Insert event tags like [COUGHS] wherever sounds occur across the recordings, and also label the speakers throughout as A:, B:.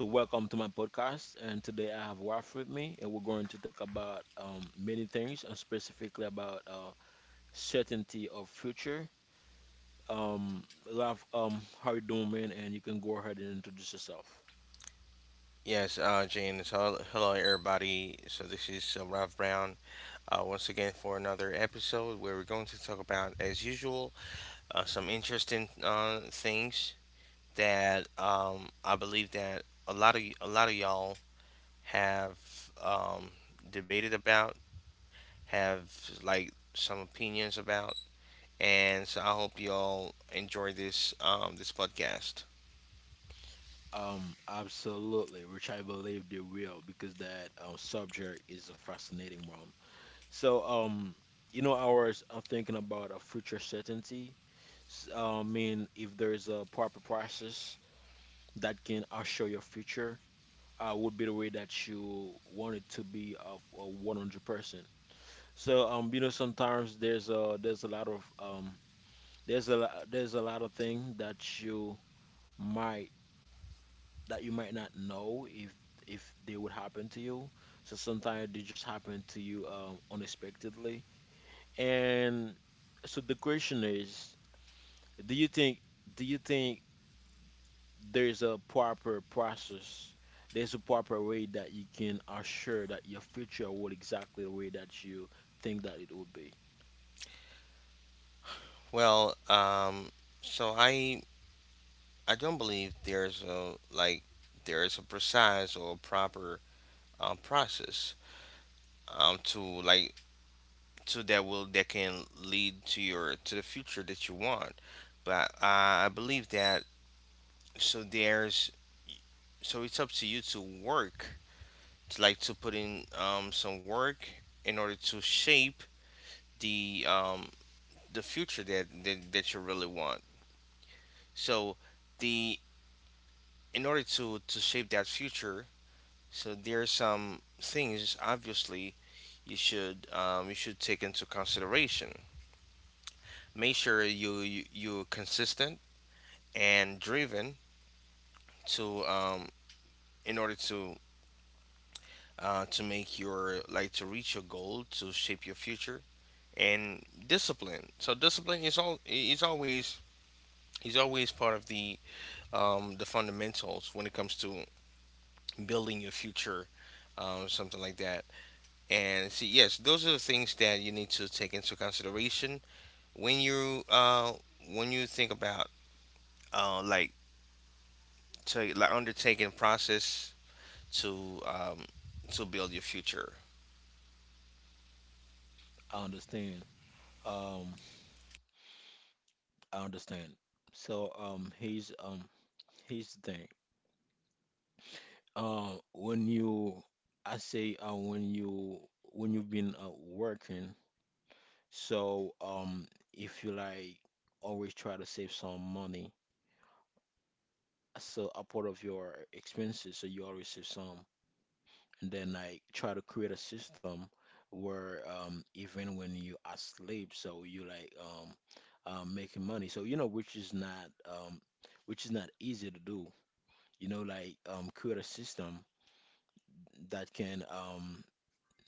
A: So welcome to my podcast. And today I have Waf with me, and we're going to talk about many things, and specifically about certainty of future. Um, Raf, how you doing, man? And you can go ahead and introduce yourself.
B: Yes, James. Hello, hello, everybody. So this is Ralph Brown once again for another episode where we're going to talk about, as usual, some interesting things that I believe that a lot of y'all have debated about, have like some opinions about, and so I hope y'all enjoy this this podcast.
A: Absolutely, which I believe they will, because that subject is a fascinating one. So, you know, I was thinking about a future certainty. I mean, if there is a proper process that can assure your future would be the way that you want it to be of 100%. So you know, sometimes there's a lot of there's a lot of things might that you might not know if they would happen to you. So sometimes they just happen to you unexpectedly. And so the question is, do you think do you think there's a proper process. There's a proper way that you can assure that your future will exactly the way that you think that it would be.
B: Well, so I don't believe there's a like there's a precise or proper process to like to that can lead to your to the future that you want. But I believe that so there's so it's up to you to work to put in some work in order to shape the um, the future that, that you really want. So the in order to shape that future. So there are some things obviously you should take into consideration. Make sure you're consistent and driven to in order to make your like to reach your goal to shape your future and discipline. So discipline is always part of the fundamentals when it comes to building your future, something like that. And see, yes, those are the things that you need to take into consideration when you uh when you think about like to like undertaking process to um to build your future.
A: I understand. Um, I understand. So here's here's the thing. When you, I say when you when you've been working, so if you like always try to save some money, so a part of your expenses, so you always save some. And then I try to create a system where even when you are asleep, so you like making money. So you know, which is not easy to do. You know, like create a system that can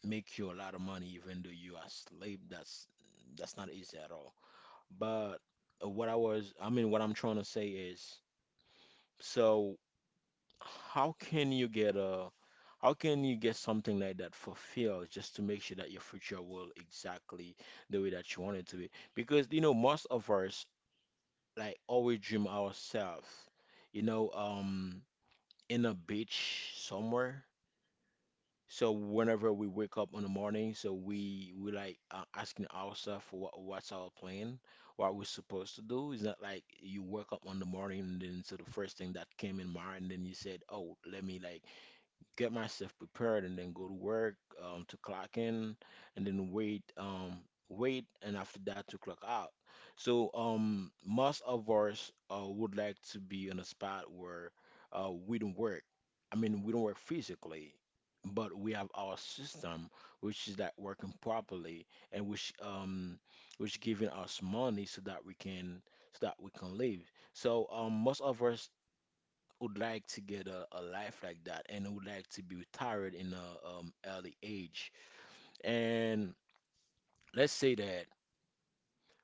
A: make you a lot of money even though you are asleep. That's not easy at all. But I mean, what I'm trying to say is, so how can you get a how can you get something like that for feel just to make sure that your future will exactly the way that you want it to be? Because you know, most of us like always dream ourselves, you know, in a beach somewhere. So whenever we wake up in the morning, so we like asking ourselves what what's our plan, what we're supposed to do. It's not like you wake up on the morning and then so the first thing that came in mind, then you said, oh, let me like get myself prepared and then go to work to clock in and then wait wait and after that to clock out. So most of us would like to be in a spot where we don't work. I mean, we don't work physically, but we have our system, which is that working properly and which giving us money so that we can so that we can live. So most of us would like to get a life like that and would like to be retired in a early age. And let's say that.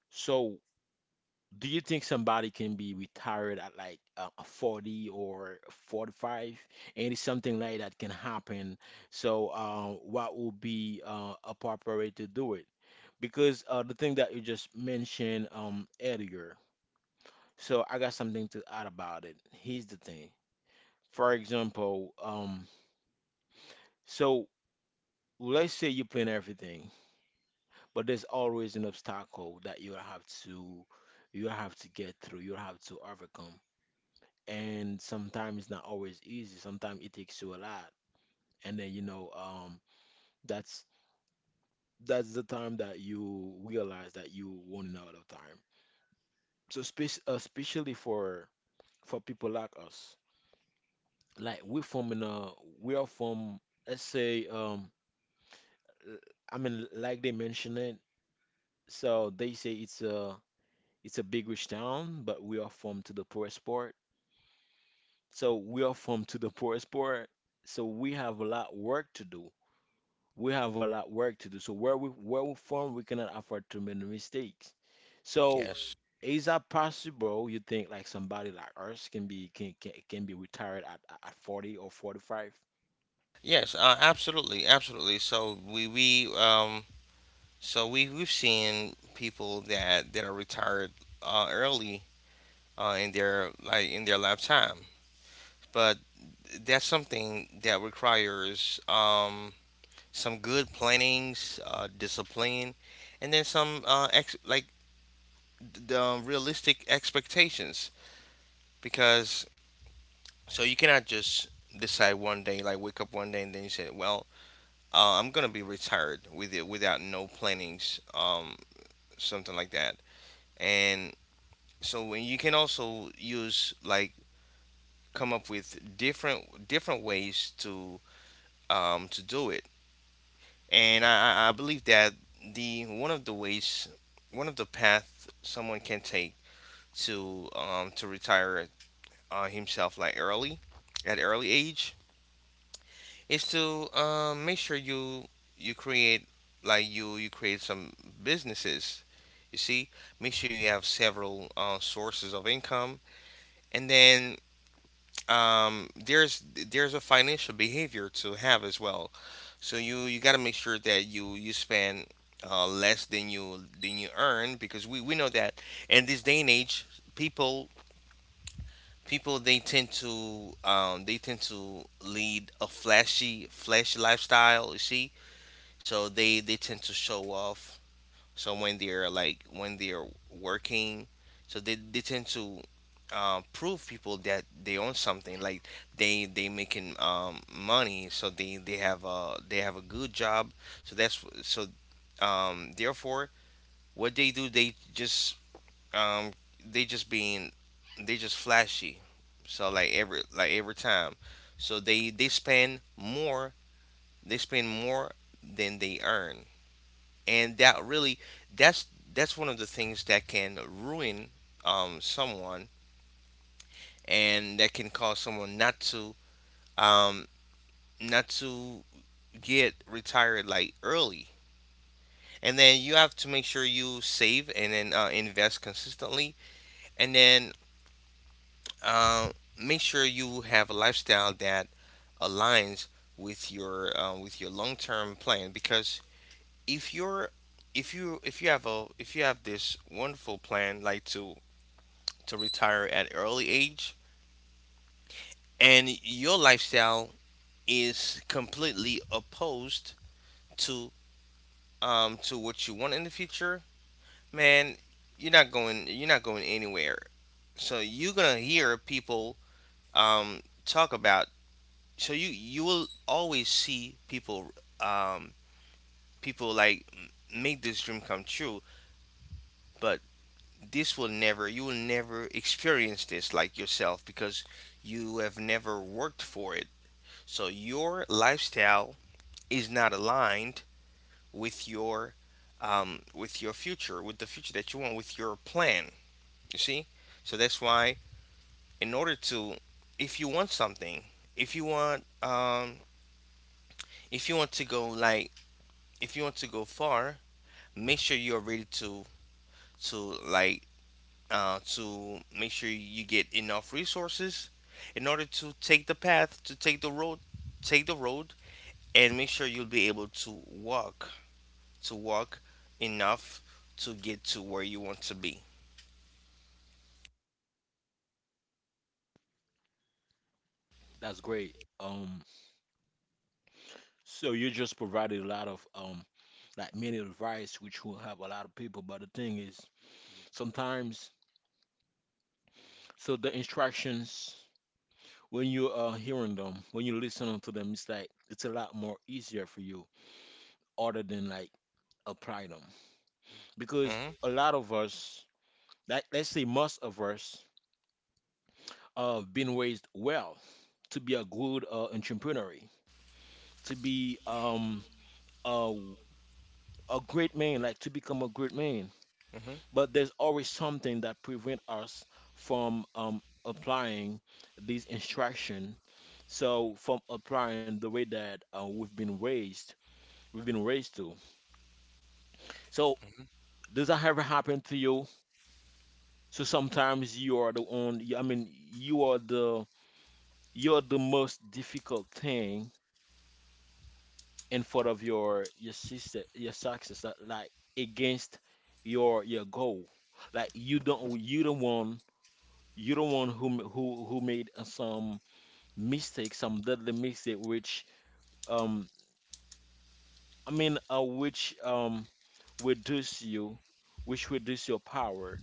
A: So, do you think somebody can be retired at like 40 or 45? And it's something like that can happen. So, what would be a proper way to do it? Because the thing that you just mentioned earlier. So, I got something to add about it. Here's the thing. For example, so let's say you plan everything, but there's always an obstacle that you have to get through, you have to overcome. And sometimes it's not always easy. Sometimes it takes you a lot. And then you know, that's that's the time that you realize that you running out of time. So especially for people like us, like we from in a we are from let's say l- I mean like they mentioned it. So they say it's a it's a big rich town, but we are from to the poorest part. So we are from to the poorest part. So we have a lot work to do. We have a lot work to do. So where we from, we cannot afford to make mistakes. So
B: Yes,
A: is that possible? You think like somebody like us can be can be retired at 40 or 45?
B: yes, absolutely, absolutely. So we so we've seen people that that are retired early in their like in their lifetime, but that's something that requires some good plannings, discipline, and then some the realistic expectations, because so you cannot just decide one day like wake up one day and then you say, well, I'm gonna be retired without no plannings something like that. And so when you can also use like come up with different different ways to do it. And I believe that the one of the ways, one of the path someone can take to retire himself like early at early age, is to make sure you you create like you create some businesses, you see. Make sure you have several sources of income. And then um, there's there's a financial behavior to have as well. So you got to make sure that you spend less than you earn, because we know that in this day and age, people, people, they tend to lead a flashy flashy lifestyle, you see. So they tend to show off. So when they're like when they're working, so they tend to prove people that they own something like they making money, so they have a good job. So that's so therefore, what they do, um they just being they just flashy. So like every time, so they spend more, they spend more than they earn. And that really that's that's one of the things that can ruin someone, and that can cause someone not to um not to get retired like early. And then you have to make sure you save and then invest consistently. And then uh, make sure you have a lifestyle that aligns with your long term plan. Because if you're if you have a if you have this wonderful plan like to retire at early age, and your lifestyle is completely opposed to to what you want in the future, man, you're not going, you're not going anywhere. So you're gonna hear people talk about, so you will always see people um people like make this dream come true, but this will never you will never experience this like yourself, because you have never worked for it. So your lifestyle is not aligned with your with your future, with the future that you want, with your plan, you see. So that's why in order to if you want something, if you want um if you want to go like if you want to go far, make sure you're ready to like to make sure you get enough resources in order to take the path, to take the road, take the road, and make sure you'll be able to walk enough to get to where you want to be.
A: That's great. So you just provided a lot of like many advice which will help a lot of people. But the thing is, sometimes so the instructions when you are hearing them, when you listen to them, it's like it's a lot more easier for you, other than like apply them, because
B: Hmm.
A: a lot of us, like let's say most of us, been raised well to be a good entrepreneur, to be a a great man, like to become a great man.
B: Hmm.
A: But there's always something that prevent us from applying these instruction. So from applying the way that we've been raised to. So
B: Hmm.
A: does that ever happen to you? So sometimes you are the one, I mean, you are the you're the most difficult thing in front of your sister, your success, like against your goal. Like you don't want who made some mistake, some deadly mistake, which um I mean, which reduce you, which reduce your power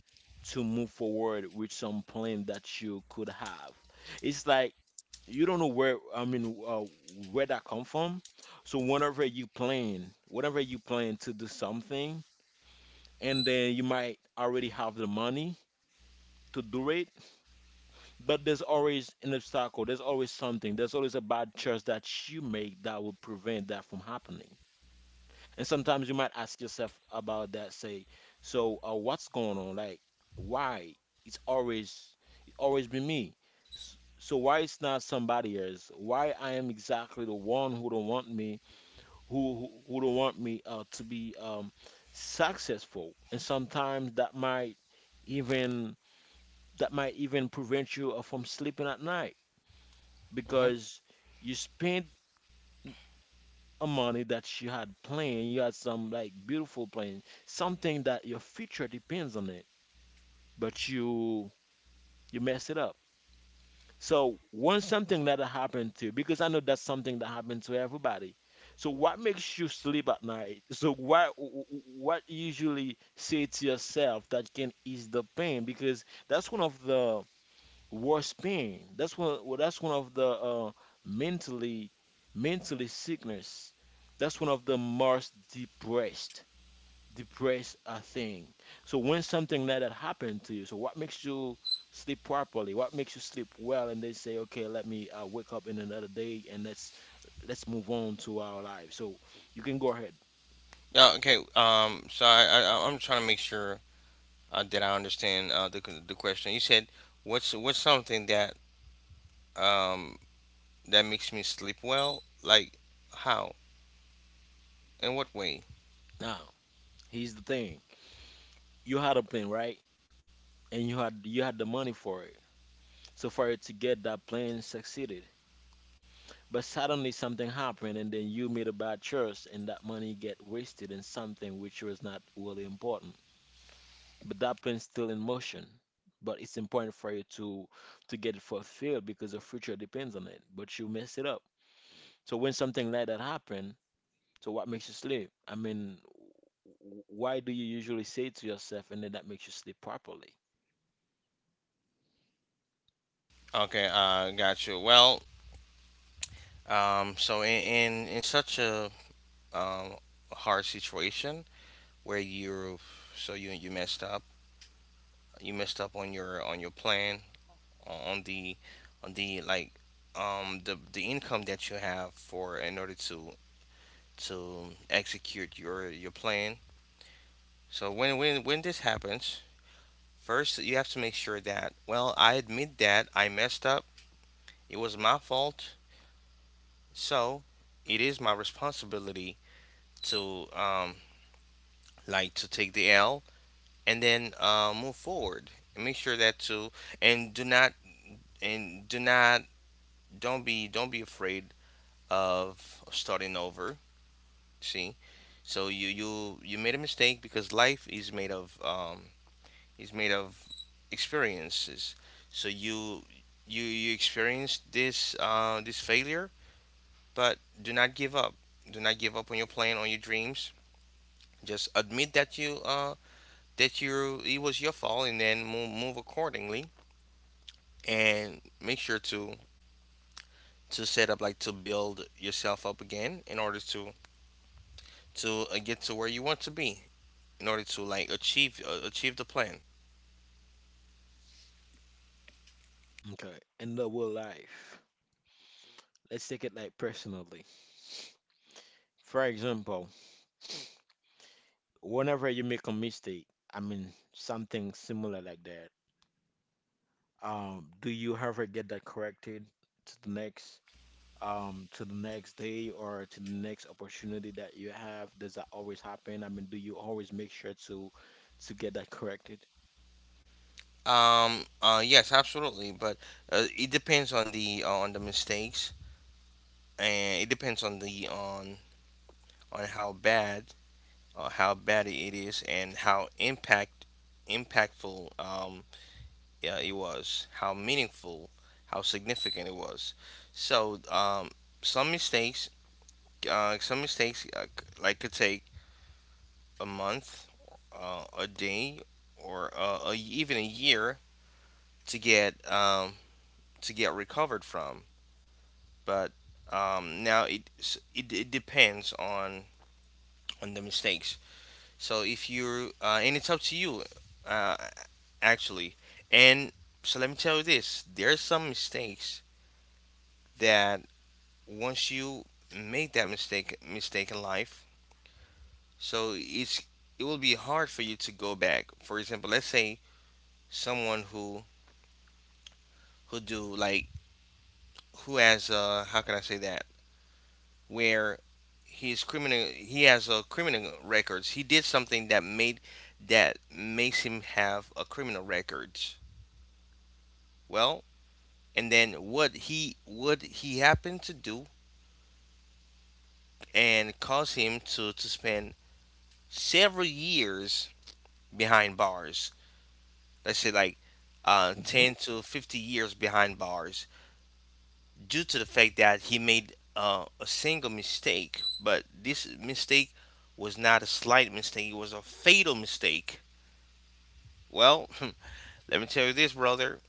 A: to move forward with some plan that you could have. It's like you don't know where, where that come from. So whenever you plan to do something, and then you might already have the money to do it, but there's always an obstacle. There's always something. There's always a bad choice that you make that will prevent that from happening. And sometimes you might ask yourself about that, say, so what's going on? Like, why? It's always it always been me. So why it's not somebody else? Why I am exactly the one who don't want me, who who, who don't want me to be successful? And sometimes even that might even prevent you from sleeping at night
B: Mhm.
A: because you spend money that you had planned, you had some like beautiful plan, something that your future depends on it, but you mess it up. So when something that happened to you, because I know that's something that happened to everybody. So what makes you sleep at night? So what you usually say to yourself that can ease the pain? Because that's one of the worse pain. That's one. Well, that's one of the mentally mentally sickness. That's one of the most depressed thing. So when something like that happened to you, so what makes you sleep properly? What makes you sleep well? And they say, okay, let me wake up in another day and let's move on to our life. So you can go ahead
B: Yeah, okay. So I'm trying to make sure that I understand the the question. You said what's something that um that makes me sleep well? Like how? In what way?
A: now. Here's the thing: you had a plan, right? And you had the money for it. So for it to get that plan succeeded. But suddenly something happened, and then you made a bad choice, and that money get wasted in something which was not really important. But that plan's still in motion. But it's important for you to get it fulfilled because your future depends on it. But you mess it up. So when something like that happen, so what makes you sleep? I mean, why do you usually say to yourself, and then that makes you sleep properly?
B: Okay, got you. Well, so in such a um hard situation where you so you you messed up on your plan on the on the like the income that you have for in order to execute your plan. So when this happens, first you have to make sure that, well, I admit that I messed up. It was my fault. So it is my responsibility to like to take the L and then move forward and make sure that too. And do not and do not don't be afraid of starting over. See, so you made a mistake because life is made of experiences. So you experienced this this failure, but do not give up. Do not give up on your plan, on your dreams. Just admit that you it was your fault, and then move accordingly. And make sure to set up like to build yourself up again in order to get to where you want to be in order to like achieve achieve the plan.
A: Okay, in the real life, let's take it like personally. For example, whenever you make a mistake, I mean something similar like that, do you ever get that corrected to the next to the next day or to the next opportunity that you have? Does that always happen? I mean, do you always make sure to get that corrected?
B: Yes. Absolutely. But it depends on the mistakes, and it depends on the on how bad it is, and how impact impactful yeah, it was, how meaningful, how significant it was. So some mistakes, some mistakes could take a month, a day, or even a year to get um, to get recovered from. But now it it depends on the mistakes. So if you're and it's up to you, uh, actually. And so let me tell you this: there are some mistakes that once you make that mistake in life, so it's it will be hard for you to go back. For example, let's say someone who do like who has uh, how can I say that, where he's criminal, he has a criminal records, he did something that made that makes him have a criminal records. Well, and then what he happened to do and caused him to spend several years behind bars. Let's say like
A: Hmm.
B: 10 to 50 years behind bars due to the fact that he made a single mistake. But this mistake was not a slight mistake, it was a fatal mistake. Well, [LAUGHS] let me tell you this, brother.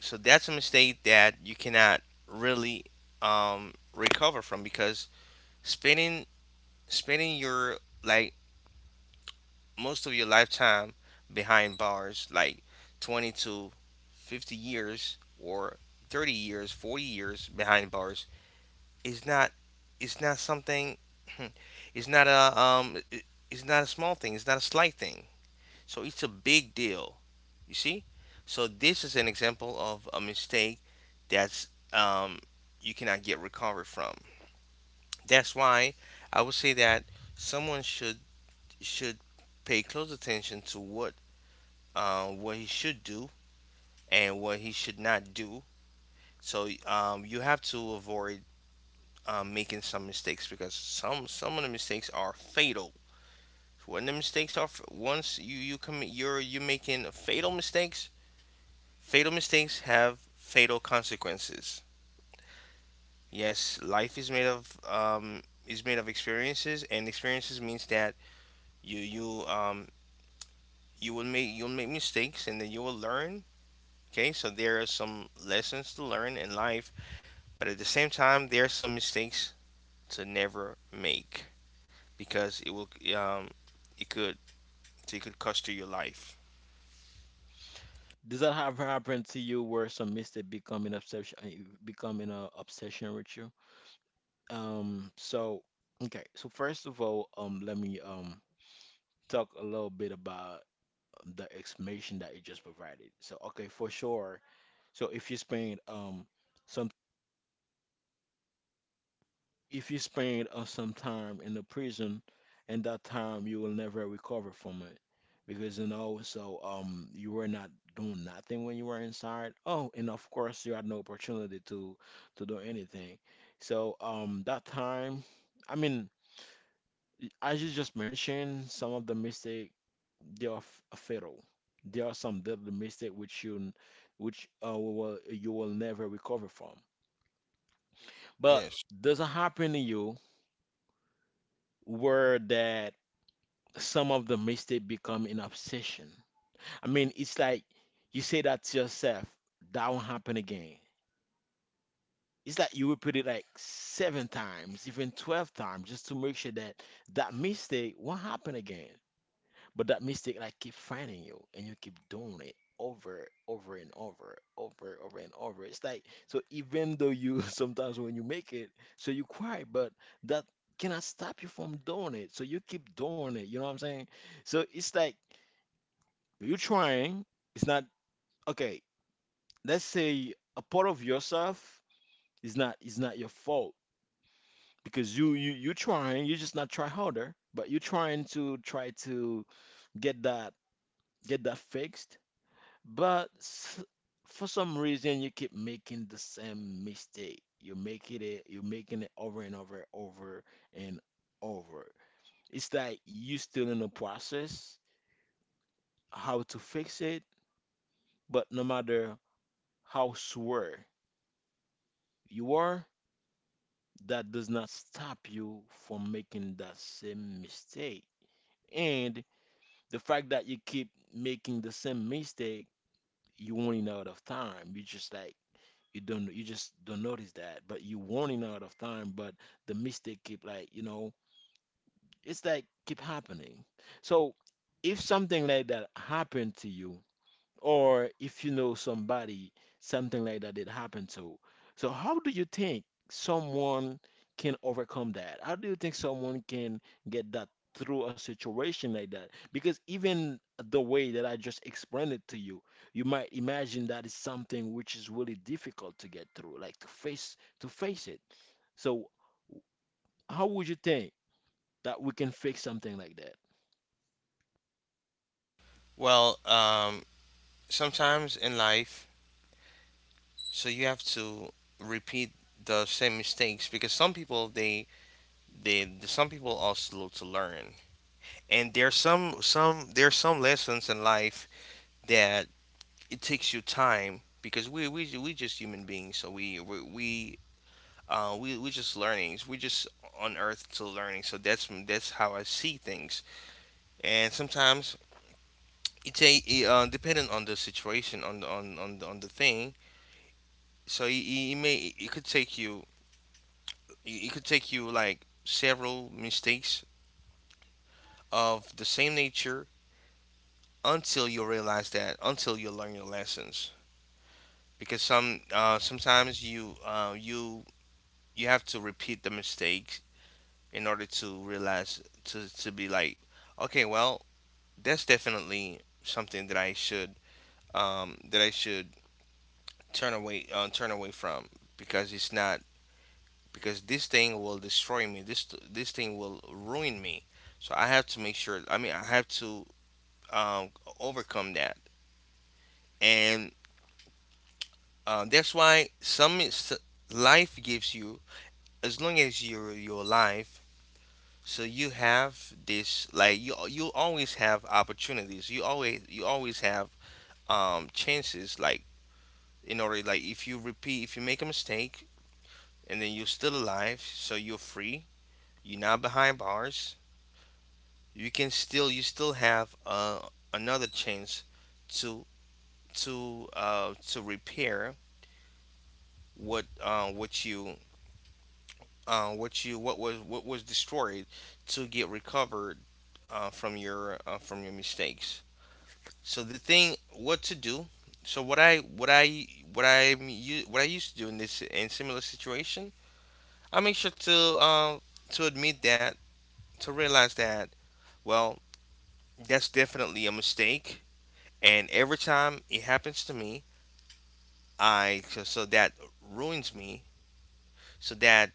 B: So that's a mistake that you cannot really recover from, because spending spending your like most of your lifetime behind bars, like 20 to 50 years or 30 years, 40 years behind bars, is not it's not something [CLEARS THROAT] it's not a it's not a small thing, it's not a slight thing. So it's a big deal. You see? So this is an example of a mistake that's um you cannot get recovered from. That's why I would say that someone should pay close attention to what he should do and what he should not do. So you have to avoid making some mistakes, because some of the mistakes are fatal. When the mistakes are once you you commit you're making fatal mistakes. Fatal mistakes have fatal consequences. Yes, life is made of experiences, and experiences means that you you um, you will make you'll make mistakes and then you will learn. Okay, so there are some lessons to learn in life. But at the same time, there are some mistakes to never make, because it will um, it could it could cost you your life.
A: Does that ever happen to you where some mistake becoming obsession becoming a obsession with you? Um, so okay, so first of all, let me talk a little bit about the explanation that you just provided. So okay, for sure. So if you spend some if you spend some time in the prison, in that time you will never recover from it because you know so you were not doing nothing when you were inside. Oh, and of course you had no opportunity to do anything. So that time, I mean, as you just mentioned, some of the mistake they are fatal. There are some deadly mistakes which you which you will never recover from. But
B: Yes.
A: does it happen to you where that some of the mistake become an obsession? I mean, it's like you say that to yourself, that won't happen again. It's like you repeat it like seven times, even 12 times, just to make sure that that mistake won't happen again. But that mistake like keep finding you and you keep doing it over, over and over, over, over and over. It's like so even though you [LAUGHS] sometimes when you make it, so you cry, but that cannot stop you from doing it. So you keep doing it, you know what I'm saying? So it's like you're trying, it's not okay, let's say a part of yourself is not your fault because you're trying, you just not try harder, but you're trying to try to get that get that fixed. But for some reason, you keep making the same mistake. You make it, you're making it over and over, over and over. It's like you still in the process how to fix it, but no matter how sure you are, that does not stop you from making that same mistake. And the fact that you keep making the same mistake, you running out of time. You just like you just don't notice that but you warning out of time but the mistake keep like you know it's like keep happening. So if something like that happened to you, or if you know somebody, something like that did happen to. So how do you think someone can overcome that? How do you think someone can get that through a situation like that? Because even the way that I just explained it to you, you might imagine that is something which is really difficult to get through, like to face it. So how would you think that we can fix something like that?
B: Well, sometimes in life, so you have to repeat the same mistakes because some people they some people are slow to learn, and there's some there's some lessons in life that it takes you time because we just human beings, so we just learning. We just on earth to learning. So that's how I see things. And sometimes it's a it depending on the situation on the thing. So it could take you it could take you like several mistakes of the same nature until you realize that until you learn your lessons. Because sometimes you you you have to repeat the mistakes in order to realize to be like okay well that's definitely something that I should um, that I should turn away turn away from because it's not because this thing will destroy me. This thing will ruin me. So I have to make sure. I mean, I have to um, overcome that, and that's why life gives you as long as you're alive. So you have this, like you always have opportunities. You always have chances, like in order, like if you repeat, if you make a mistake and then you're still alive, so you're free, you're not behind bars, you can still you still have another chance to to repair what you what you what was destroyed to get recovered from your mistakes. So the thing what to do, so what I what I used to do in this in similar situation, I make sure to admit that, to realize that well that's definitely a mistake, and every time it happens to me, I so, so that ruins me, so that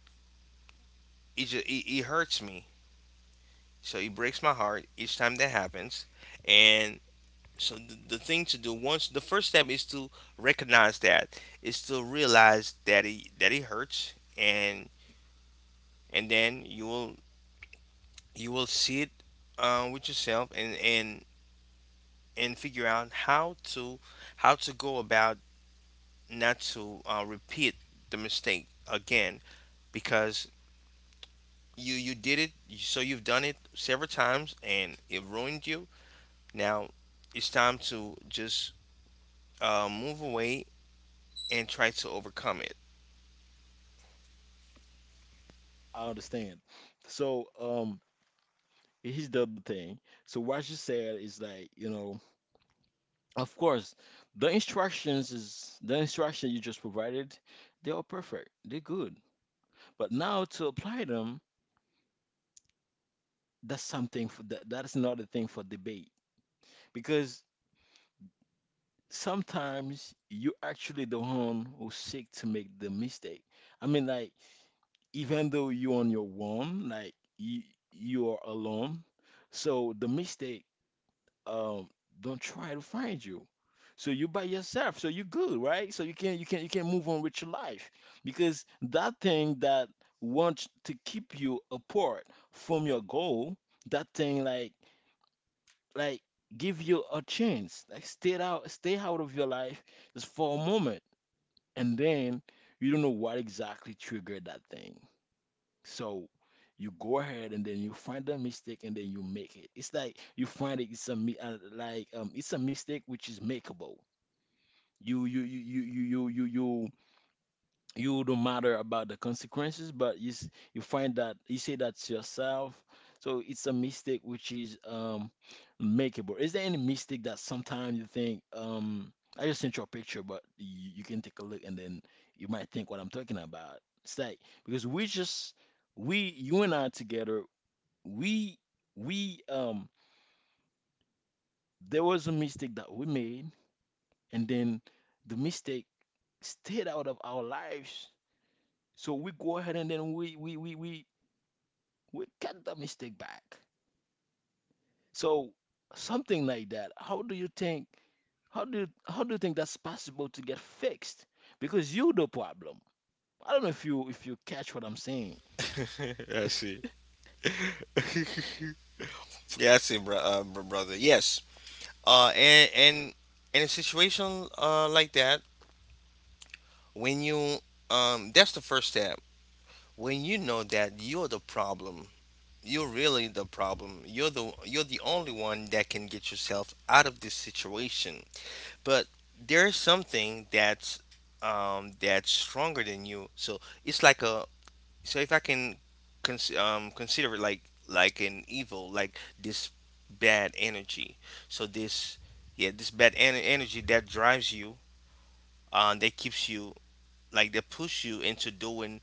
B: it hurts me, so it breaks my heart each time that happens. And so the thing to do, once the first step is to recognize that, is to realize that it hurts, and then you will see it with yourself, and and figure out how to go about not to repeat the mistake again, because you did it, so you've done it several times and it ruined you. Now it's time to just move away and try to overcome it.
A: I understand. So, he's the other thing. So what you said is like, you know, of course, the instructions is the instruction you just provided, they are perfect. They're good. But now to apply them, that's something for that is another thing for debate. Because sometimes you actually the one who seek to make the mistake. I mean like even though you're on your own, like you are alone, so the mistake um don't try to find you. So you by yourself, so you good, right? So you can you can move on with your life because that thing that wants to keep you apart from your goal, that thing like give you a chance, like stay out of your life just for a moment, and then you don't know what exactly triggered that thing. So you go ahead and then you find the mistake and then you make it. It's like you find it, it's a mi- like it's a mistake which is makeable. you you you you you you you you you don't matter about the consequences, but you you find that you say that to yourself. So it's a mistake which is makeable. Is there any mistake that sometimes you think? I just sent you a picture, but you can take a look and then you might think what I'm talking about. It's like because we just we you and I together we we there was a mistake that we made, and then the mistake stayed out of our lives. So we go ahead and then we cut the mistake back. So something like that. How do you think that's possible to get fixed? Because you the problem. I don't know if you catch what I'm saying.
B: [LAUGHS] I see. Yeah, I see, bro, brother. Yes. And in a situation like that, when you that's the first step. When you know that you're the problem, you're really the problem. You're the only one that can get yourself out of this situation. But there's something that's stronger than you. So it's like a, so if I can consider it like an evil, like this bad energy. So this, yeah, this energy that drives you, that keeps you, like that push you into doing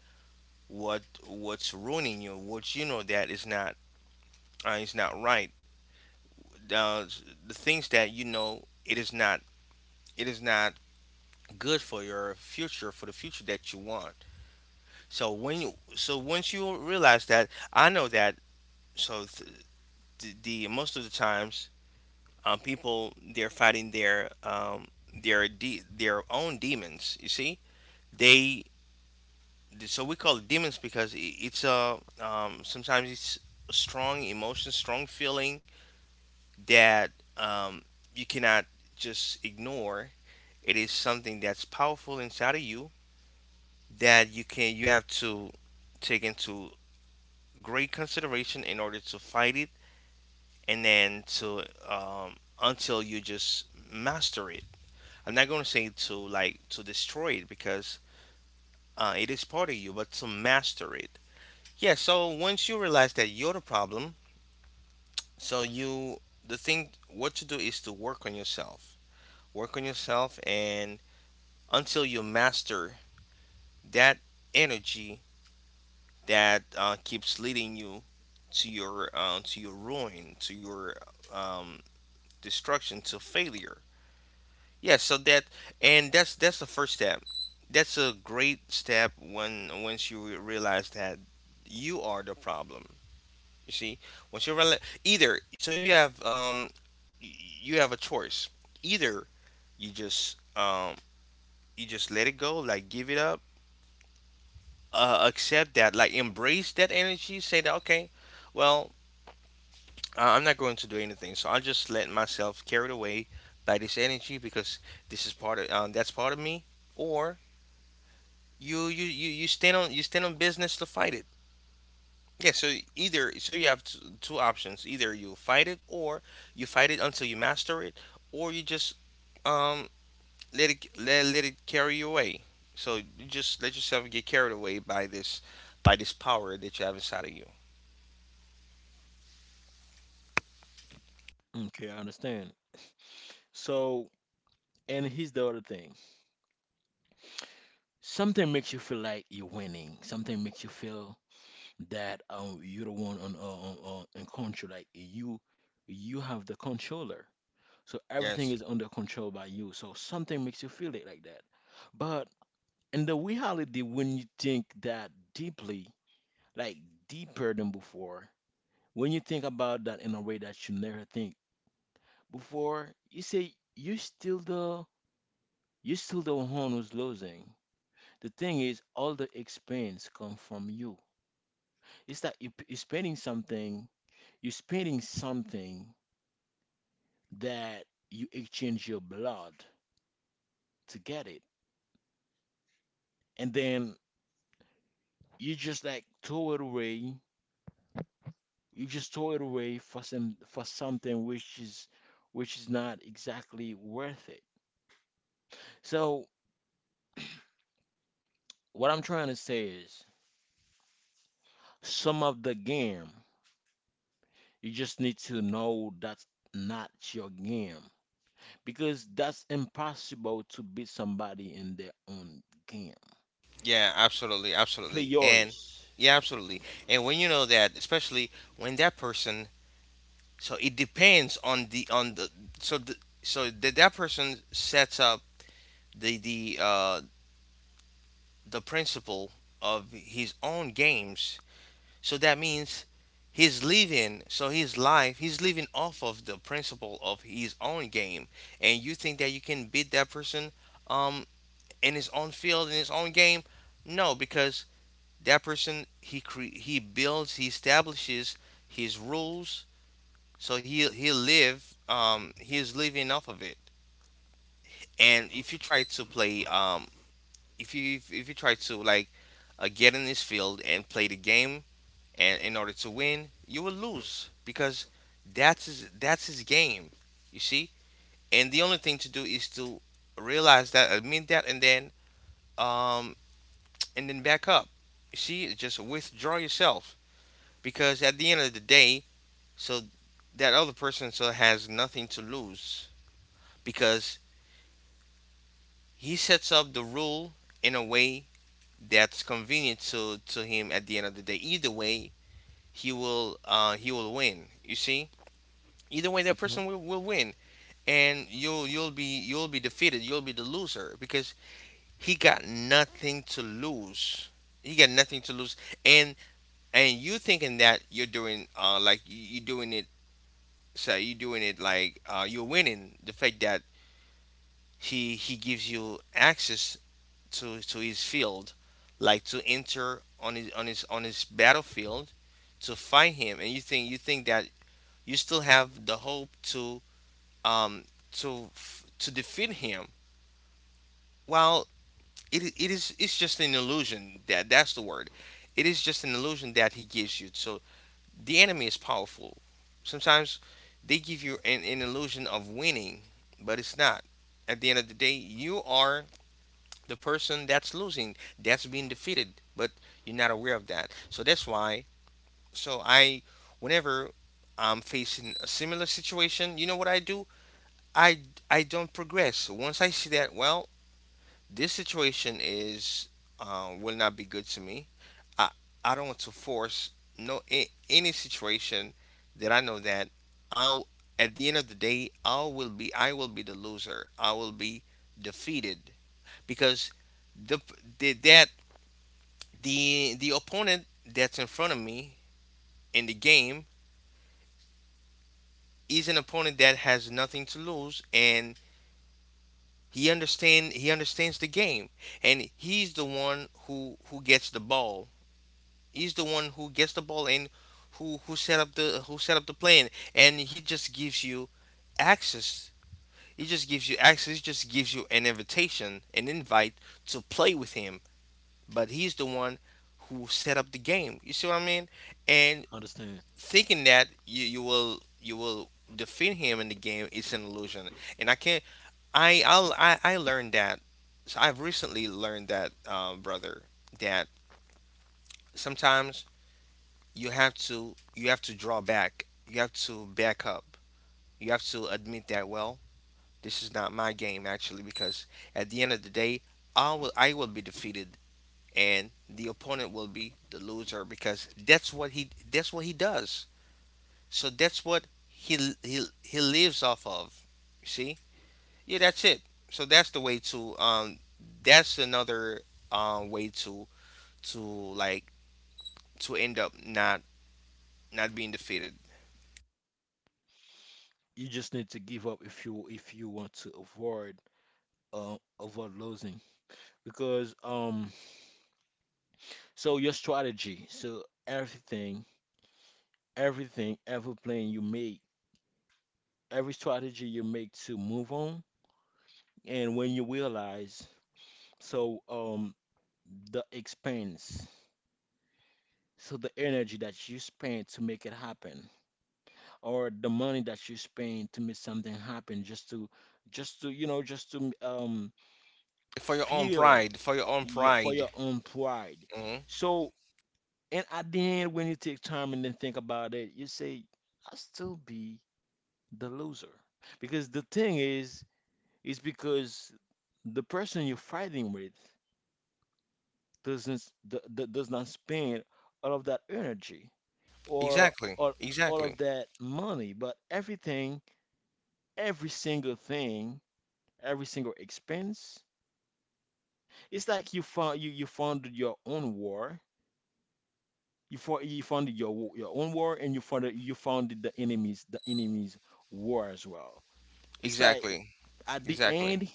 B: what what's ruining you, what you know that is not right, uh, the things that you know it is not good for your future, for the future that you want. So when you, so once you realize that, I know that, so th- the most of the times people they're fighting their their own demons, you see. They, so we call it demons because it's a, sometimes it's a strong emotion, strong feeling that um, you cannot just ignore. It is something that's powerful inside of you that you can you have to take into great consideration in order to fight it, and then to until you just master it. I'm not going to say to like to destroy it because it is part of you, but to master it. Yeah, so once you realize that you're the problem, so you, the thing what to do is to work on yourself. Work on yourself and until you master that energy that keeps leading you to your ruin, to your um, destruction, to failure. Yeah, so that, and that's the first step. That's a great step when once you realize that you are the problem. You see, once you realize, either so you have y- you have a choice. Either you just um you just let it go, like give it up, accept that, like embrace that energy, say that okay, well I'm not going to do anything. So I just let myself carried away by this energy because this is part of that's part of me. Or you stand on business to fight it. Yeah. So either, so you have two options. Either you fight it, or you fight it until you master it, or you just um let it let it carry you away. So you just let yourself get carried away by this power that you have inside of you.
A: Okay, I understand. So and here's the other thing. Something makes you feel like you're winning. Something makes you feel that you're the one on in control. Like you have the controller. So everything
B: Yes.
A: is under control by you. So something makes you feel it like that. But in the reality, when you think that deeply, like deeper than before, when you think about that in a way that you never think before, you say you're still the one who's losing. The thing is, all the expense come from you. It's that you're spending something that you exchange your blood to get it, and then you just like throw it away. You just throw it away for something which is not exactly worth it. So what I'm trying to say is some of the game you just need to know that's not your game because that's impossible to beat somebody in their own game.
B: Yeah, absolutely,
A: Play
B: absolutely, and
A: yours.
B: yeah, absolutely. And when you know that, especially when that person, so it depends on the so the, so that that person sets up the the uh, the principle of his own games. So that means he's living. So his life, he's living off of the principle of his own game. And you think that you can beat that person um in his own field, in his own game? No, because that person he builds he establishes his rules, so he live he is living off of it, and if you try to play if you try to like get in this field and play the game and in order to win you will lose because that's his game, you see. And the only thing to do is to realize that, admit that, um and then back up, you see, just withdraw yourself, because at the end of the day, so that other person so has nothing to lose because he sets up the rule in a way that's convenient to him at the end of the day. Either way, he will win. You see, either way, that
A: Hmm.
B: person will win, and you'll be you'll be defeated. You'll be the loser because he got nothing to lose. He got nothing to lose, and and you thinking that you're doing you're doing it, so you're doing it like you're winning, the fact that he gives you access to his field, like to enter on his battlefield to fight him, and you think that you still have the hope um to to defeat him, well it's just an illusion, that that's the word, it is just an illusion that he gives you. So the enemy is powerful, sometimes they give you an illusion of winning, but it's not. At the end of the day, you are the person that's losing, that's being defeated, but you're not aware of that. So that's why. So I, whenever I'm facing a similar situation, you know what I do? I I don't progress. So once I see that, well, this situation is will not be good to me. I I don't want to force no a- any situation that I know that I'll at the end of the day I will be the loser. I will be defeated, because the, the that the opponent that's in front of me in the game is an opponent that has nothing to lose, and he understands the game, and he's the one who gets the ball. He's the one who gets the ball and who set up the who set up the plan, and he just gives you access. He just gives you access, he just gives you an invitation, an invite to play with him. But he's the one who set up the game. You see what I mean? And
A: Understand.
B: thinking that you will defeat him in the game is an illusion. And I can't, I learned that, so I've recently learned that, brother, that sometimes you have to draw back, you have to back up, you have to admit that, well, this is not my game, actually, because at the end of the day I will I will be defeated, and the opponent will be the loser, because that's what he does. So that's what he lives off of. You see? Yeah, that's it. So that's the way to that's another way to like to end up not not being defeated.
A: You just need to give up if you want to avoid avoid losing because so your strategy, so everything, every plan you make, every strategy you make to move on, and when you realize, so the expense, so the energy that you spend to make it happen, or the money that you spend to make something happen, just to you know, just to
B: For your own
A: feel,
B: pride, for your own
A: yeah, for
B: pride.
A: your own pride.
B: Hmm.
A: So and at the end, when you take time and then think about it, you say, I still be the loser. Because the thing is, because the person you're fighting with doesn't s- d- d- does not spend all of that energy or
B: Exactly.
A: all
B: Exactly.
A: of that money, but everything, every single thing, every single expense, it's like you founded your own war. You founded your your own war, and you founded the enemies, the enemies' war as well. It's like
B: Exactly.
A: at the
B: Exactly.
A: end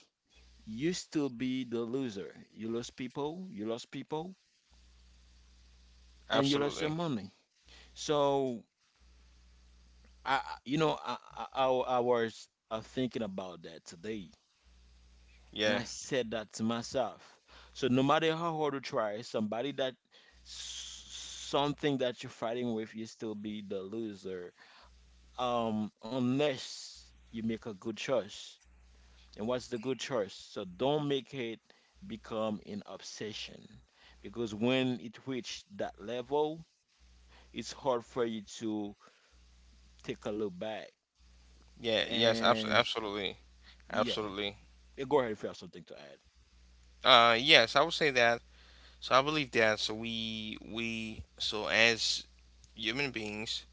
A: you still be the loser. You lose people, and you lose your
B: Absolutely.
A: money. So you know, I was thinking about that today, and
B: Yeah.
A: I said that to myself. So no matter how hard you try, somebody that something that you're fighting with, you still be the loser, unless you make a good choice. And what's the good choice? So don't make it become an obsession because when it reaches that level, it's hard for you to take a look back.
B: Yeah. Yes,
A: And
B: absolutely.
A: yeah,
B: Absolutely.
A: yeah, go ahead if you have something to add.
B: Yes, I would say that. So I believe that, so we so as human beings,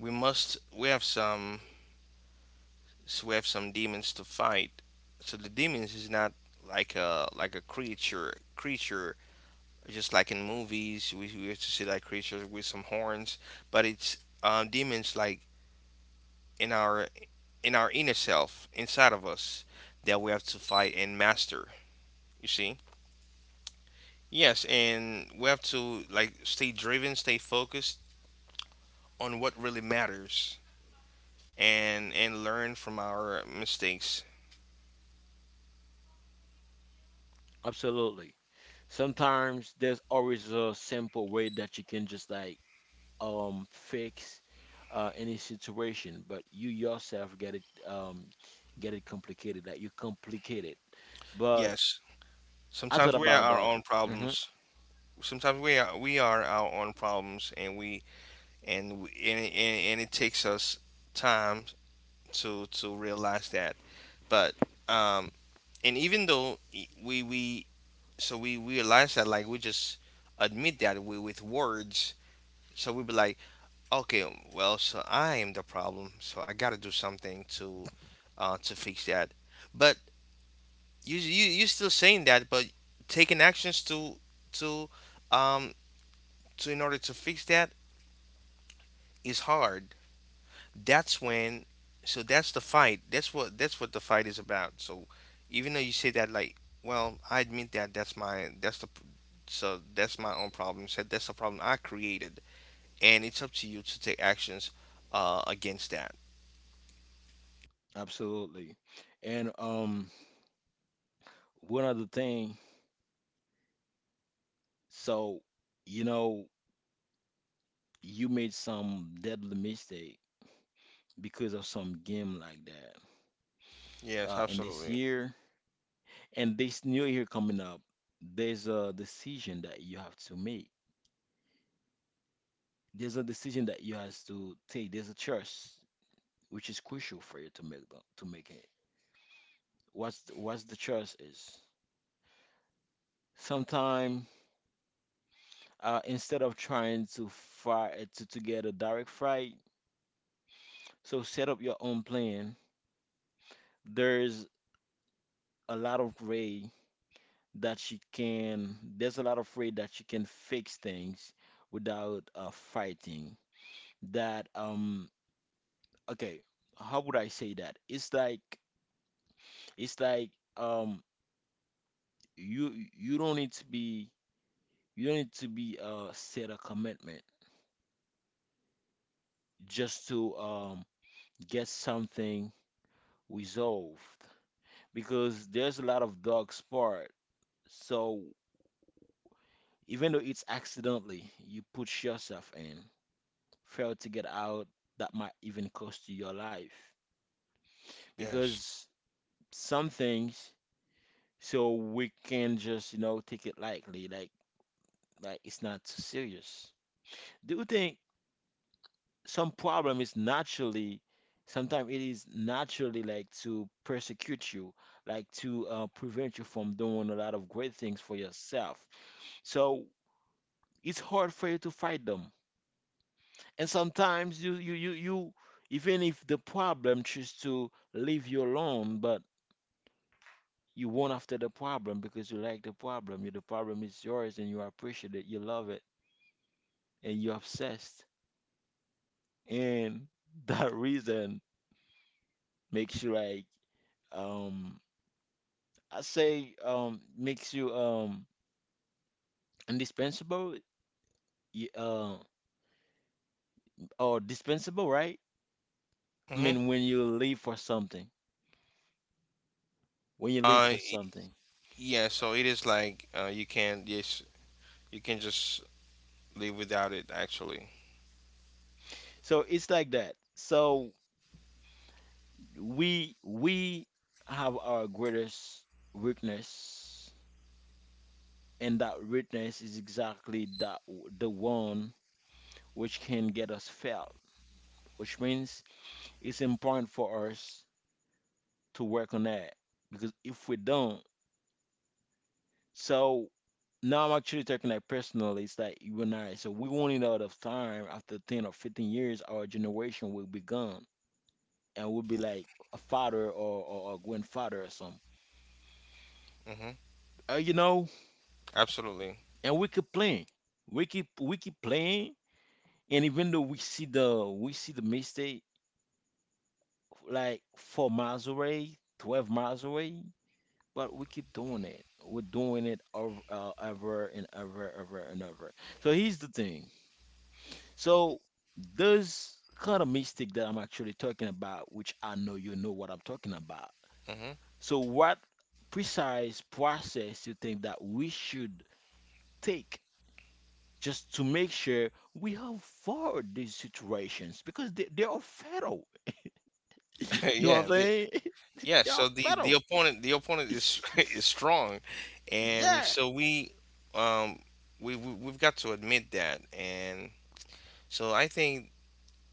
B: we have some so we have some demons to fight. So the demons is not like a creature, just like in movies we used to see, like, creatures with some horns, but it's demons like in our in our inner self, inside of us, that we have to fight and master. You see? Yes, and we have to, like, stay driven, stay focused on what really matters, and learn from our mistakes.
A: Absolutely. Sometimes there's always a simple way that you can just like fix any situation, but you yourself get it complicated, like you complicate it. But
B: Yes.
A: I thought
B: Sometimes we are
A: about
B: our own
A: that.
B: problems. Sometimes we are our own problems, and and it takes us time to realize that. But um, and even though we realize that, like, we just admit that, with words. So we be like, okay, well, so I am the problem, so I gotta do something to fix that. But you still saying that, but taking actions to um so in order to fix that is hard. That's when that's the fight. That's what the fight is about. So even though you say that, like, well, I admit that that's my own problem. Said that's the problem I created, and it's up to you to take actions against that.
A: Absolutely. And one other thing, so you know, you made some deadly mistake because of some game like that.
B: Yes,
A: And this
B: absolutely.
A: year, and this new year coming up, there's a decision that you have to make. There's a decision that you has to take. There's a choice which is crucial for you to make to make it. What's what's the choice is? Sometime, instead of trying to to get a direct flight, so set up your own plan. There's a lot of way that she can, there's a lot of way that she can fix things without fighting. That okay, how would I say that? It's like um you you don't need to be set a commitment just to get something resolved because there's a lot of dog part. So even though it's accidentally, you put yourself in, fail to get out, that might even cost you your life.
B: Yes.
A: Because some things, so we can just, you know, take it lightly, like it's not too serious. Do you think some problem is naturally, sometimes it is naturally like to persecute you, like to prevent you from doing a lot of great things for yourself. So it's hard for you to fight them. And sometimes you you you you even if the problem choose to leave you alone, but you won't after the problem because you like the problem. You, the problem is yours and you appreciate it, you love it, and you're obsessed. And [LAUGHS] that reason makes you like um I say makes you indispensable, y- uh or dispensable, right? I
B: Mhm.
A: mean when you leave for something. When you leave
B: Uh
A: for
B: y-
A: something.
B: yeah, so it is like, you can, yes, you can just live without it, actually.
A: So it's like that. So we have our greatest weakness, and that weakness is exactly that the one which can get us failed, which means it's important for us to work on that because if we don't, so now I'm actually talking like personally, it's like you and I, so we won't in out of time after 10 or 15 years, our generation will be gone and we'll be like a father, or grandfather or something.
B: Mhm.
A: You know,
B: Absolutely.
A: and we keep playing. We keep playing, and even though we see the mistake like 4 miles away, 12 miles away, but we keep doing it. We're doing it over ever and ever, ever and ever. So here's the thing. So those kind of mistake that I'm actually talking about, which I know you know what I'm talking about.
B: Mhm.
A: So what precise process you think that we should take just to make sure we avoid these situations because they are fatal.
B: [LAUGHS]
A: [LAUGHS] You know what I'm
B: Yeah,
A: saying? [LAUGHS]
B: yeah,
A: They are
B: so
A: fatal.
B: the opponent is [LAUGHS] is
A: [LAUGHS]
B: strong, and
A: Yeah.
B: so um we've got to admit that, and so I think,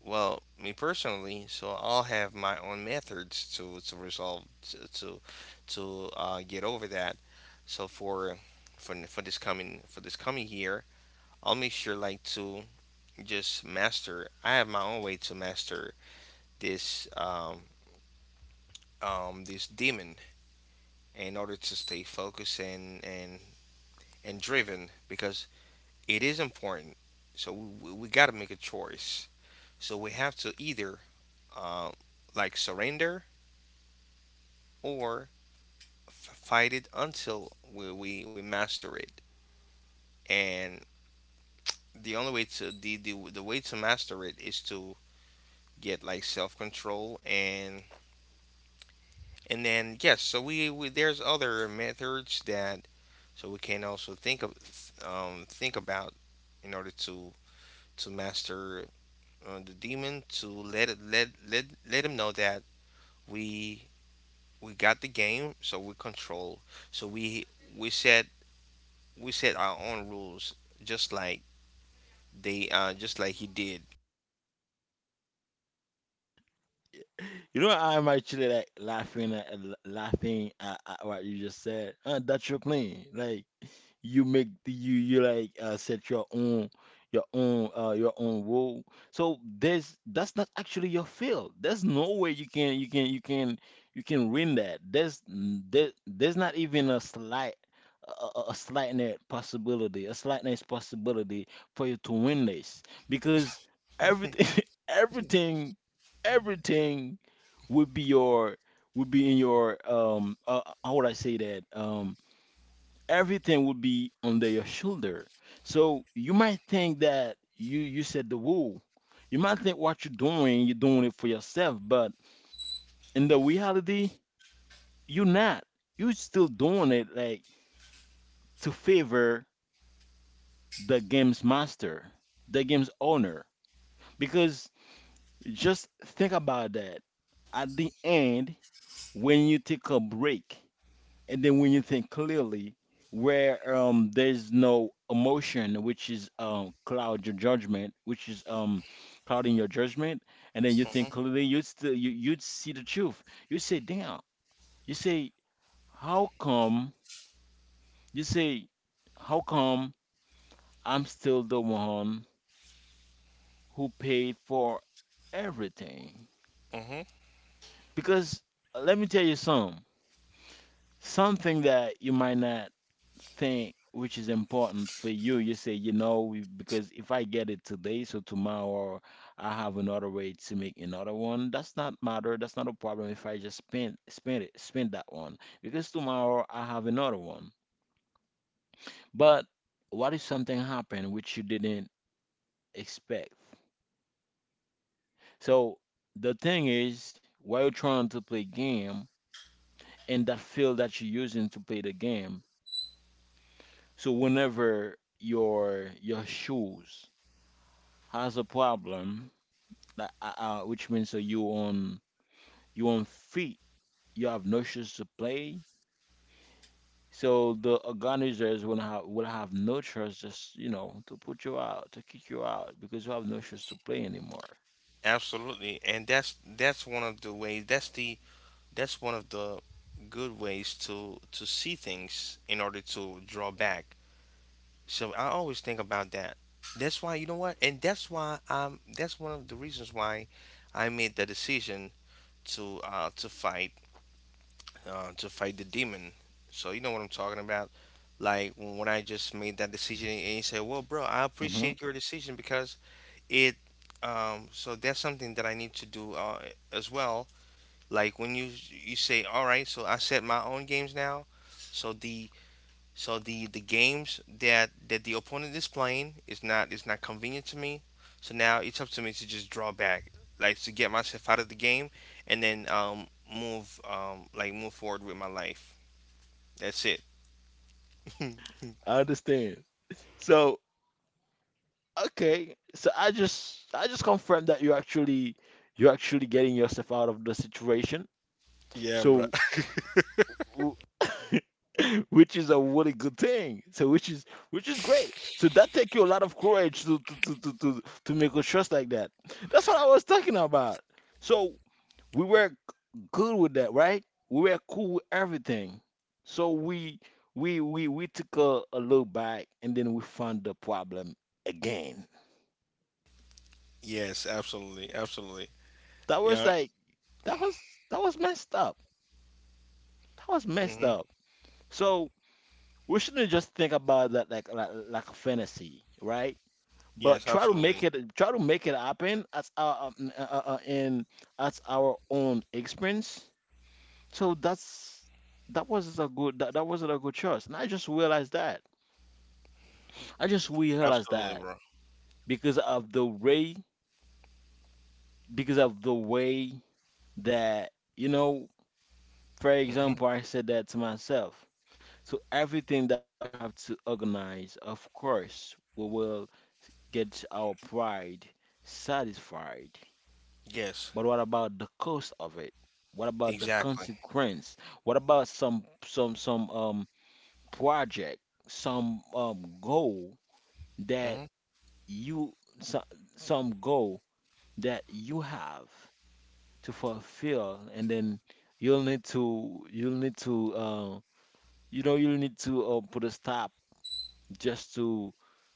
B: well, me personally, so I'll have my own methods to resolve, to to, to get over that. So for this coming year, I'll make sure, like, to just master. I have my own way to master this um this demon, in order to stay focused and and driven, because it is important. So we got to make a choice. So we have to either, uh, like, surrender, or fight it until we master it. And the way to master it is to get, like, self control and then, yes. So we there's other methods that, we can also think about, in order to master, the demon, to let it, let let let him know that we we got the game, so we control. So we set we set our own rules, just like they just like he did.
A: You know, I'm actually like laughing at laughing at what you just said. That's your plan. Like you like set your own your own rule. So there's that's not actually your field. There's no way you can win that. There's not even a slight net possibility, a slight net possibility for you to win this because
B: Hmm.
A: everything [LAUGHS] everything everything would be your would be in your how would I say that, everything would be under your shoulder. So you might think that you set the rule. You might think what you're doing it for yourself, but in the reality, you're not. You're still doing it like to favor the game's master, the game's owner. Because just think about that. At the end, when you take a break, and then when you think clearly, where there's no emotion, which is cloud your judgment, which is clouding your judgment, and then you think clearly, you'd see the truth. You say, damn. You say, how come? You say, how come I'm still the one who paid for everything?
B: Hmm.
A: Because let me tell you something that you might not thing which is important for you. You say, you know, we, because if I get it today, so tomorrow I have another way to make another one. That's not matter, that's not a problem if I just spend that one because tomorrow I have another one. But what if something happened which you didn't expect? So the thing is while you're trying to play game and that field that you're using to play the game, so whenever your shoes has a problem. Like, which means so you on feet. You have no shoes to play. So the organizers will have no choice, just you know, to put you out, to kick you out because you have no shoes to play anymore.
B: Absolutely, and that's one of the ways. That's one of the good ways to see things, in order to draw back. So I always think about that. That's why, you know what? And that's why, that's one of the reasons why I made the decision to uh to fight to fight the demon. So you know what I'm talking about? Like when I just made that decision, and you say, "Well, bro, I
A: Hmm.
B: appreciate your decision because it so that's something that I need to do, as well." Like when you say, "All right, so I set my own games now." So the games that the opponent is playing is not convenient to me. So now it's up to me to just draw back, like, to get myself out of the game, and then move forward with my life. That's it. [LAUGHS]
A: I understand. So okay, so I just confirmed that you're actually getting yourself out of the situation.
B: Yeah, bro.
A: So [COUGHS] w- [LAUGHS] which is a really good thing. So which is great. So that take you a lot of courage to to make a trust like that. That's what I was talking about. So we were g- good with that, right? We were cool with everything. So we we took a look back and then we found the problem again.
B: Yes, absolutely, absolutely.
A: That was
B: Yeah.
A: like that was messed up. That was messed
B: Hmm.
A: up. So we shouldn't just think about that like like a fantasy, right? But
B: Yes, absolutely,
A: try to make it happen as our in as our own experience. So that was a good that, that wasn't a good choice, and I just realized that. I just realized
B: absolutely,
A: that
B: bro.
A: because of the way because of the way that you know. For
B: Hmm.
A: example, I said that to myself. So everything that we have to organize, of course, we will gets our pride satisfied.
B: Yes,
A: But what about the cost of it? What about the
B: exactly.
A: consequence? What about some project, some goal that
B: Hmm.
A: you some, some goal that you have to fulfill, and then you'll need to you know you'll need to put a stop just to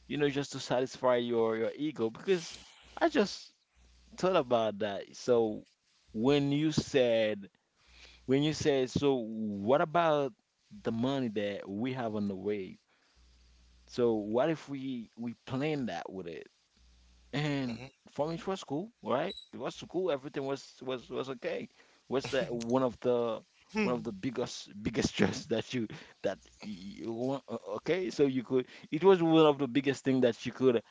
A: you know just to satisfy your ego because I just thought about that. So when you said when you said so what about the money that we have on the way? So what if we plan that with it? And for me it was cool, right? It was cool, everything was okay. What's that one of the
B: Hmm.
A: biggest [LAUGHS] stress that you okay so you could it was one of the biggest thing that you could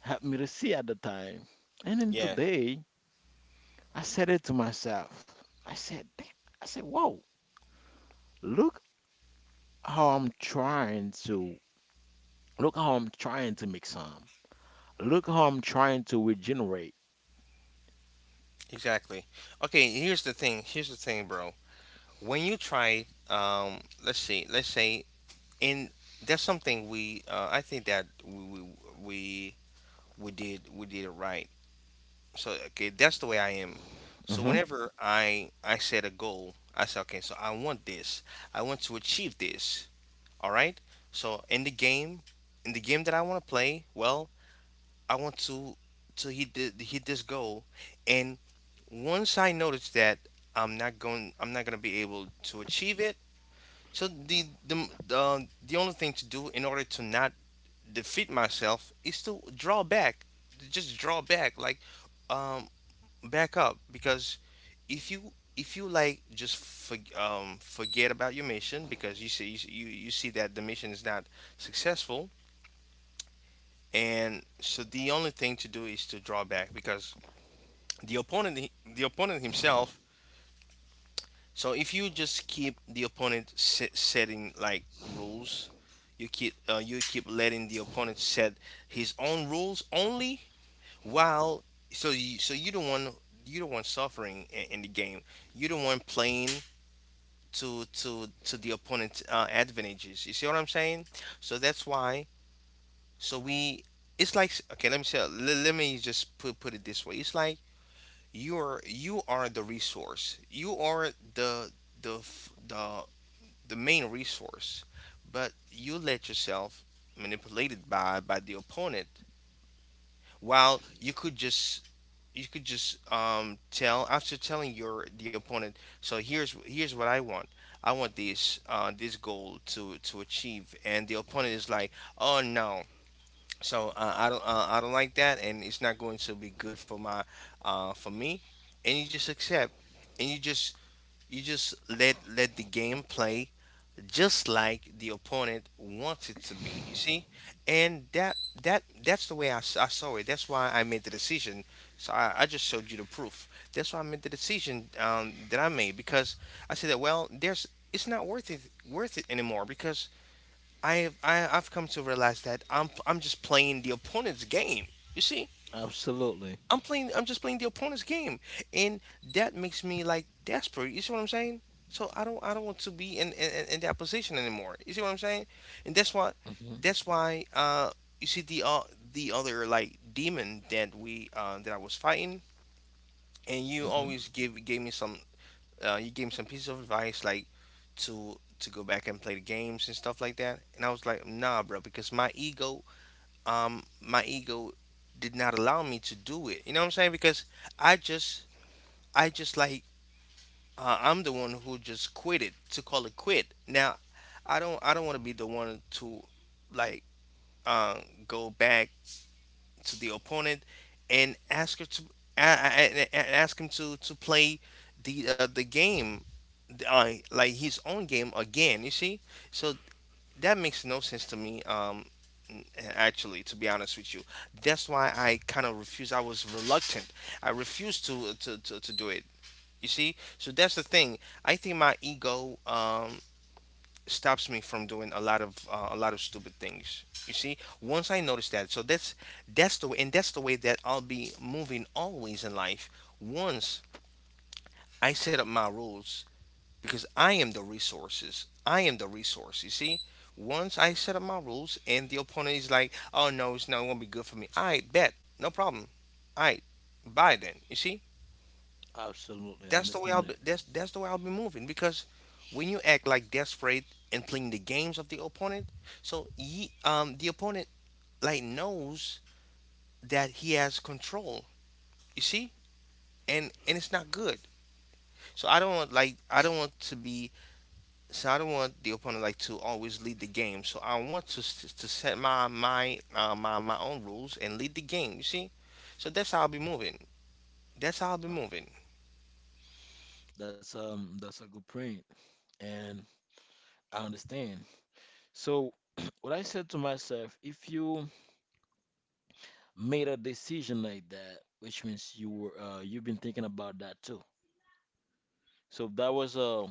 A: help me to see at the time and
B: [LAUGHS]
A: then
B: Yes,
A: today I said it to myself. I said, "Damn." I said, whoa, look how I'm trying to, look how I'm trying to make some. Look how I'm trying to regenerate.
B: exactly. Okay, here's the thing. Here's the thing, bro. When you try, let's see, let's say, in that's something we, I think that we we did it right. So, okay, that's the way I am. So
A: Hmm.
B: whenever I set a goal, I say, okay, so I want this, I want to achieve this, all right. So in the game that I want to play, well, I want to hit this goal. And once I notice that I'm not going to be able to achieve it, so the only thing to do in order to not defeat myself is to draw back, just draw back, like, um back up, because, if you if you like just forget about your mission, because you see that the mission is not successful, and so the only thing to do is to draw back, because the opponent the opponent himself. So if you just keep the opponent, setting, like, rules, you keep, you keep letting the opponent set his own rules only, while so you don't want, suffering in the game. You don't want playing to the opponent's, advantages. You see what I'm saying? So that's why. So we It's like, okay. Let me say. Let me just put it this way. It's like you are the resource. You are the the f- the main resource, but you let yourself manipulated by the opponent. While you could just, tell, after telling your the opponent, so here's what I want. I want this goal to achieve, and the opponent is like, oh no, I don't like that, and it's not going to be good for my for me, and you just accept, and you just let the game play, just like the opponent wants it to be. You see, and that's the way I saw it. That's why I made the decision. So I just showed you the proof. That's why I made the decision, that I made, because I said that, well, there's it's not worth it, anymore, because I've come to realize that I'm just playing the opponent's game. You see?
A: Absolutely.
B: I'm just playing the opponent's game, and that makes me, like, desperate. You see what I'm saying? I don't want to be in that position anymore. You see what I'm saying? And that's why.
A: Hmm.
B: That's why. You see the, the other, like, demon that we that I was fighting, and you
A: Hmm.
B: always give gave me some. You gave me some piece of advice, like, to go back and play the games and stuff like that. And I was like, nah, bro, because my ego did not allow me to do it. You know what I'm saying? Because I just, I just, like, I'm the one who just quit it, to call it quit. Now, I don't want to be the one to, like, uh, go back to the opponent and ask her to, a- a- ask him to play the, the game, like his own game again. You see? So that makes no sense to me, n- actually, to be honest with you, that's why I kind of refuse I was reluctant I refused to do it. You see, so that's the thing. I think my ego, stops me from doing a lot of, a lot of stupid things. You see, once I notice that. So that's the way, and that's the way that I'll be moving, always, in life. Once I set up my rules, because I am the resources. I am the resource. You see, once I set up my rules and the opponent is like, oh no, it's not gonna be good for me. I bet, no problem. I buy then. You see,
A: Absolutely. I
B: that's the way I'll
A: understand
B: be.
A: that.
B: That's the way I'll be moving, because when you act, like, desperate and playing the games of the opponent, so the opponent, like, knows that he has control. You see. And it's not good. So I don't want the opponent, like, to always lead the game. So I want to set my, my own rules and lead the game. You see, so that's how I'll be moving. That's how I'll be
A: Uh,
B: moving.
A: That's a good point, and I understand. So [CLEARS THROAT] what I said to myself, if you made a decision like that, which means you were you've been thinking about that too. So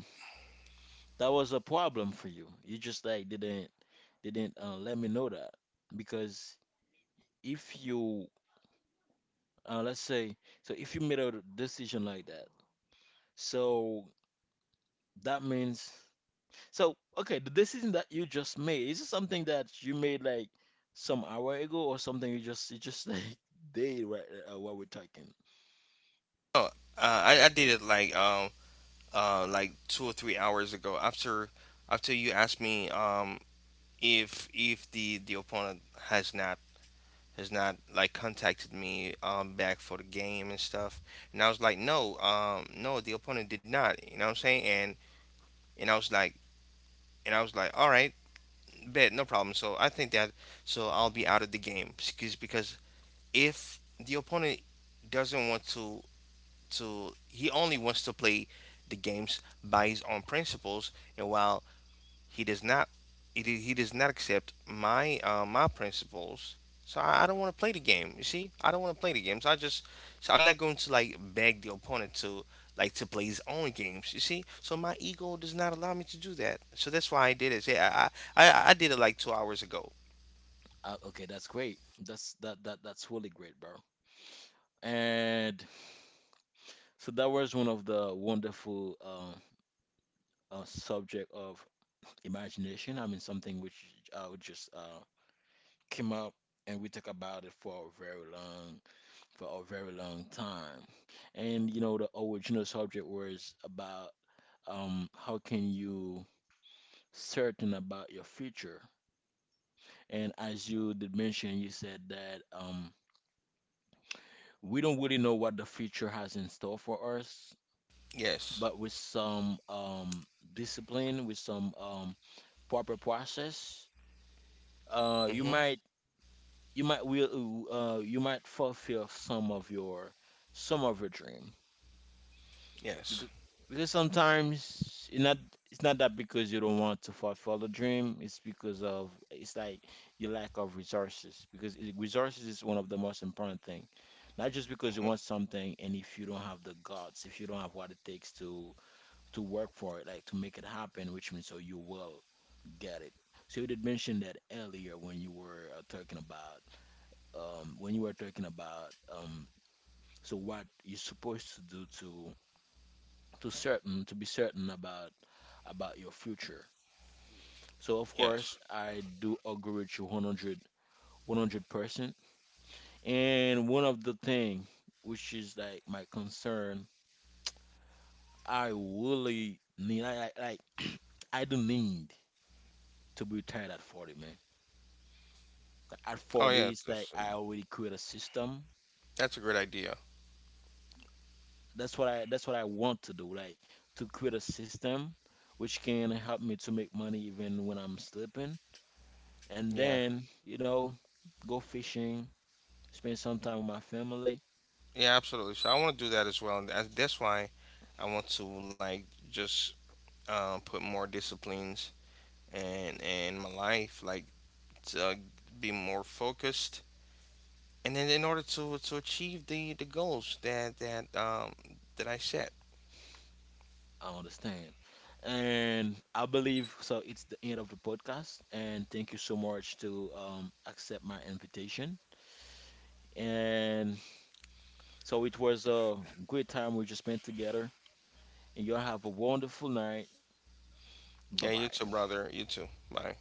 A: that was a problem for you. You just like didn't let me know that because if you let's say, so if you made a decision like that, so that means so okay, the decision that you just made, is it something that you made like some hour ago or something you just [LAUGHS] like did right while we're talking.
B: Oh, I did it like, like, 2 or 3 hours ago, after you asked me, if the opponent has not, like, contacted me, back for the game and stuff, and I was like, no, no, the opponent did not. You know what I'm saying? And and I was like and I was like, all right. Bet, no problem. So I think that, I'll be out of the game, because if the opponent doesn't want to he only wants to play the games by his own principles, and while he does not he does not accept my principles, so I don't want to play the game. You see, I don't want to play the games, I just, so I'm not going to like beg the opponent to, like, to play his own games. You see, so my ego does not allow me to do that. So that's why I did it, yeah, I did it like 2 hours ago.
A: Okay, that's great. That's really great, bro. And so that was one of the wonderful subject of imagination. I mean, something which just came up, and we talk about it for a very long time. And you know, the original subject was about how can you certain about your future? And as you did mention, you said that we don't really know what the future has in store for us,
B: Yes.
A: but with some discipline, with some proper process, uh, you
B: Mm-hmm.
A: might you might will you might fulfill some of your dream
B: Yes.
A: because, because sometimes it's not that because you don't want to fulfill the dream, it's because of it's like your lack of resources because resources is one of the most important thing, not just because you want
B: Mm-hmm.
A: something and if you don't have the guts, if you don't have what it takes to work for it, like to make it happen, which means so you will get it. So you did mention that earlier when you were talking about um, when you were talking about um, so what you're supposed to do to certain to be certain about your future. So of
B: Yes.
A: course I do agree with you 100 100%. And one of the thing which is like my concern, I really need I like [CLEARS THROAT] I do need to be retired at 40, man. At
B: Oh yeah,
A: 40, it's like I already create a system.
B: that's a great idea.
A: That's what I want to do, like to create a system which can help me to make money even when I'm sleeping. And
B: Yeah,
A: then, you know, go fishing, spend some time with my family.
B: yeah, absolutely, so I want to do that as well, and that's why I want to, like, just, put more disciplines and in my life, like, to, be more focused, and then, in order to achieve the goals that I set.
A: I understand. And I believe so it's the end of the podcast, and thank you so much to accept my invitation. And so it was a great time we just spent together, and y'all have a wonderful night. Bye
B: Yeah, you too,
A: bye.
B: brother. You too. Bye.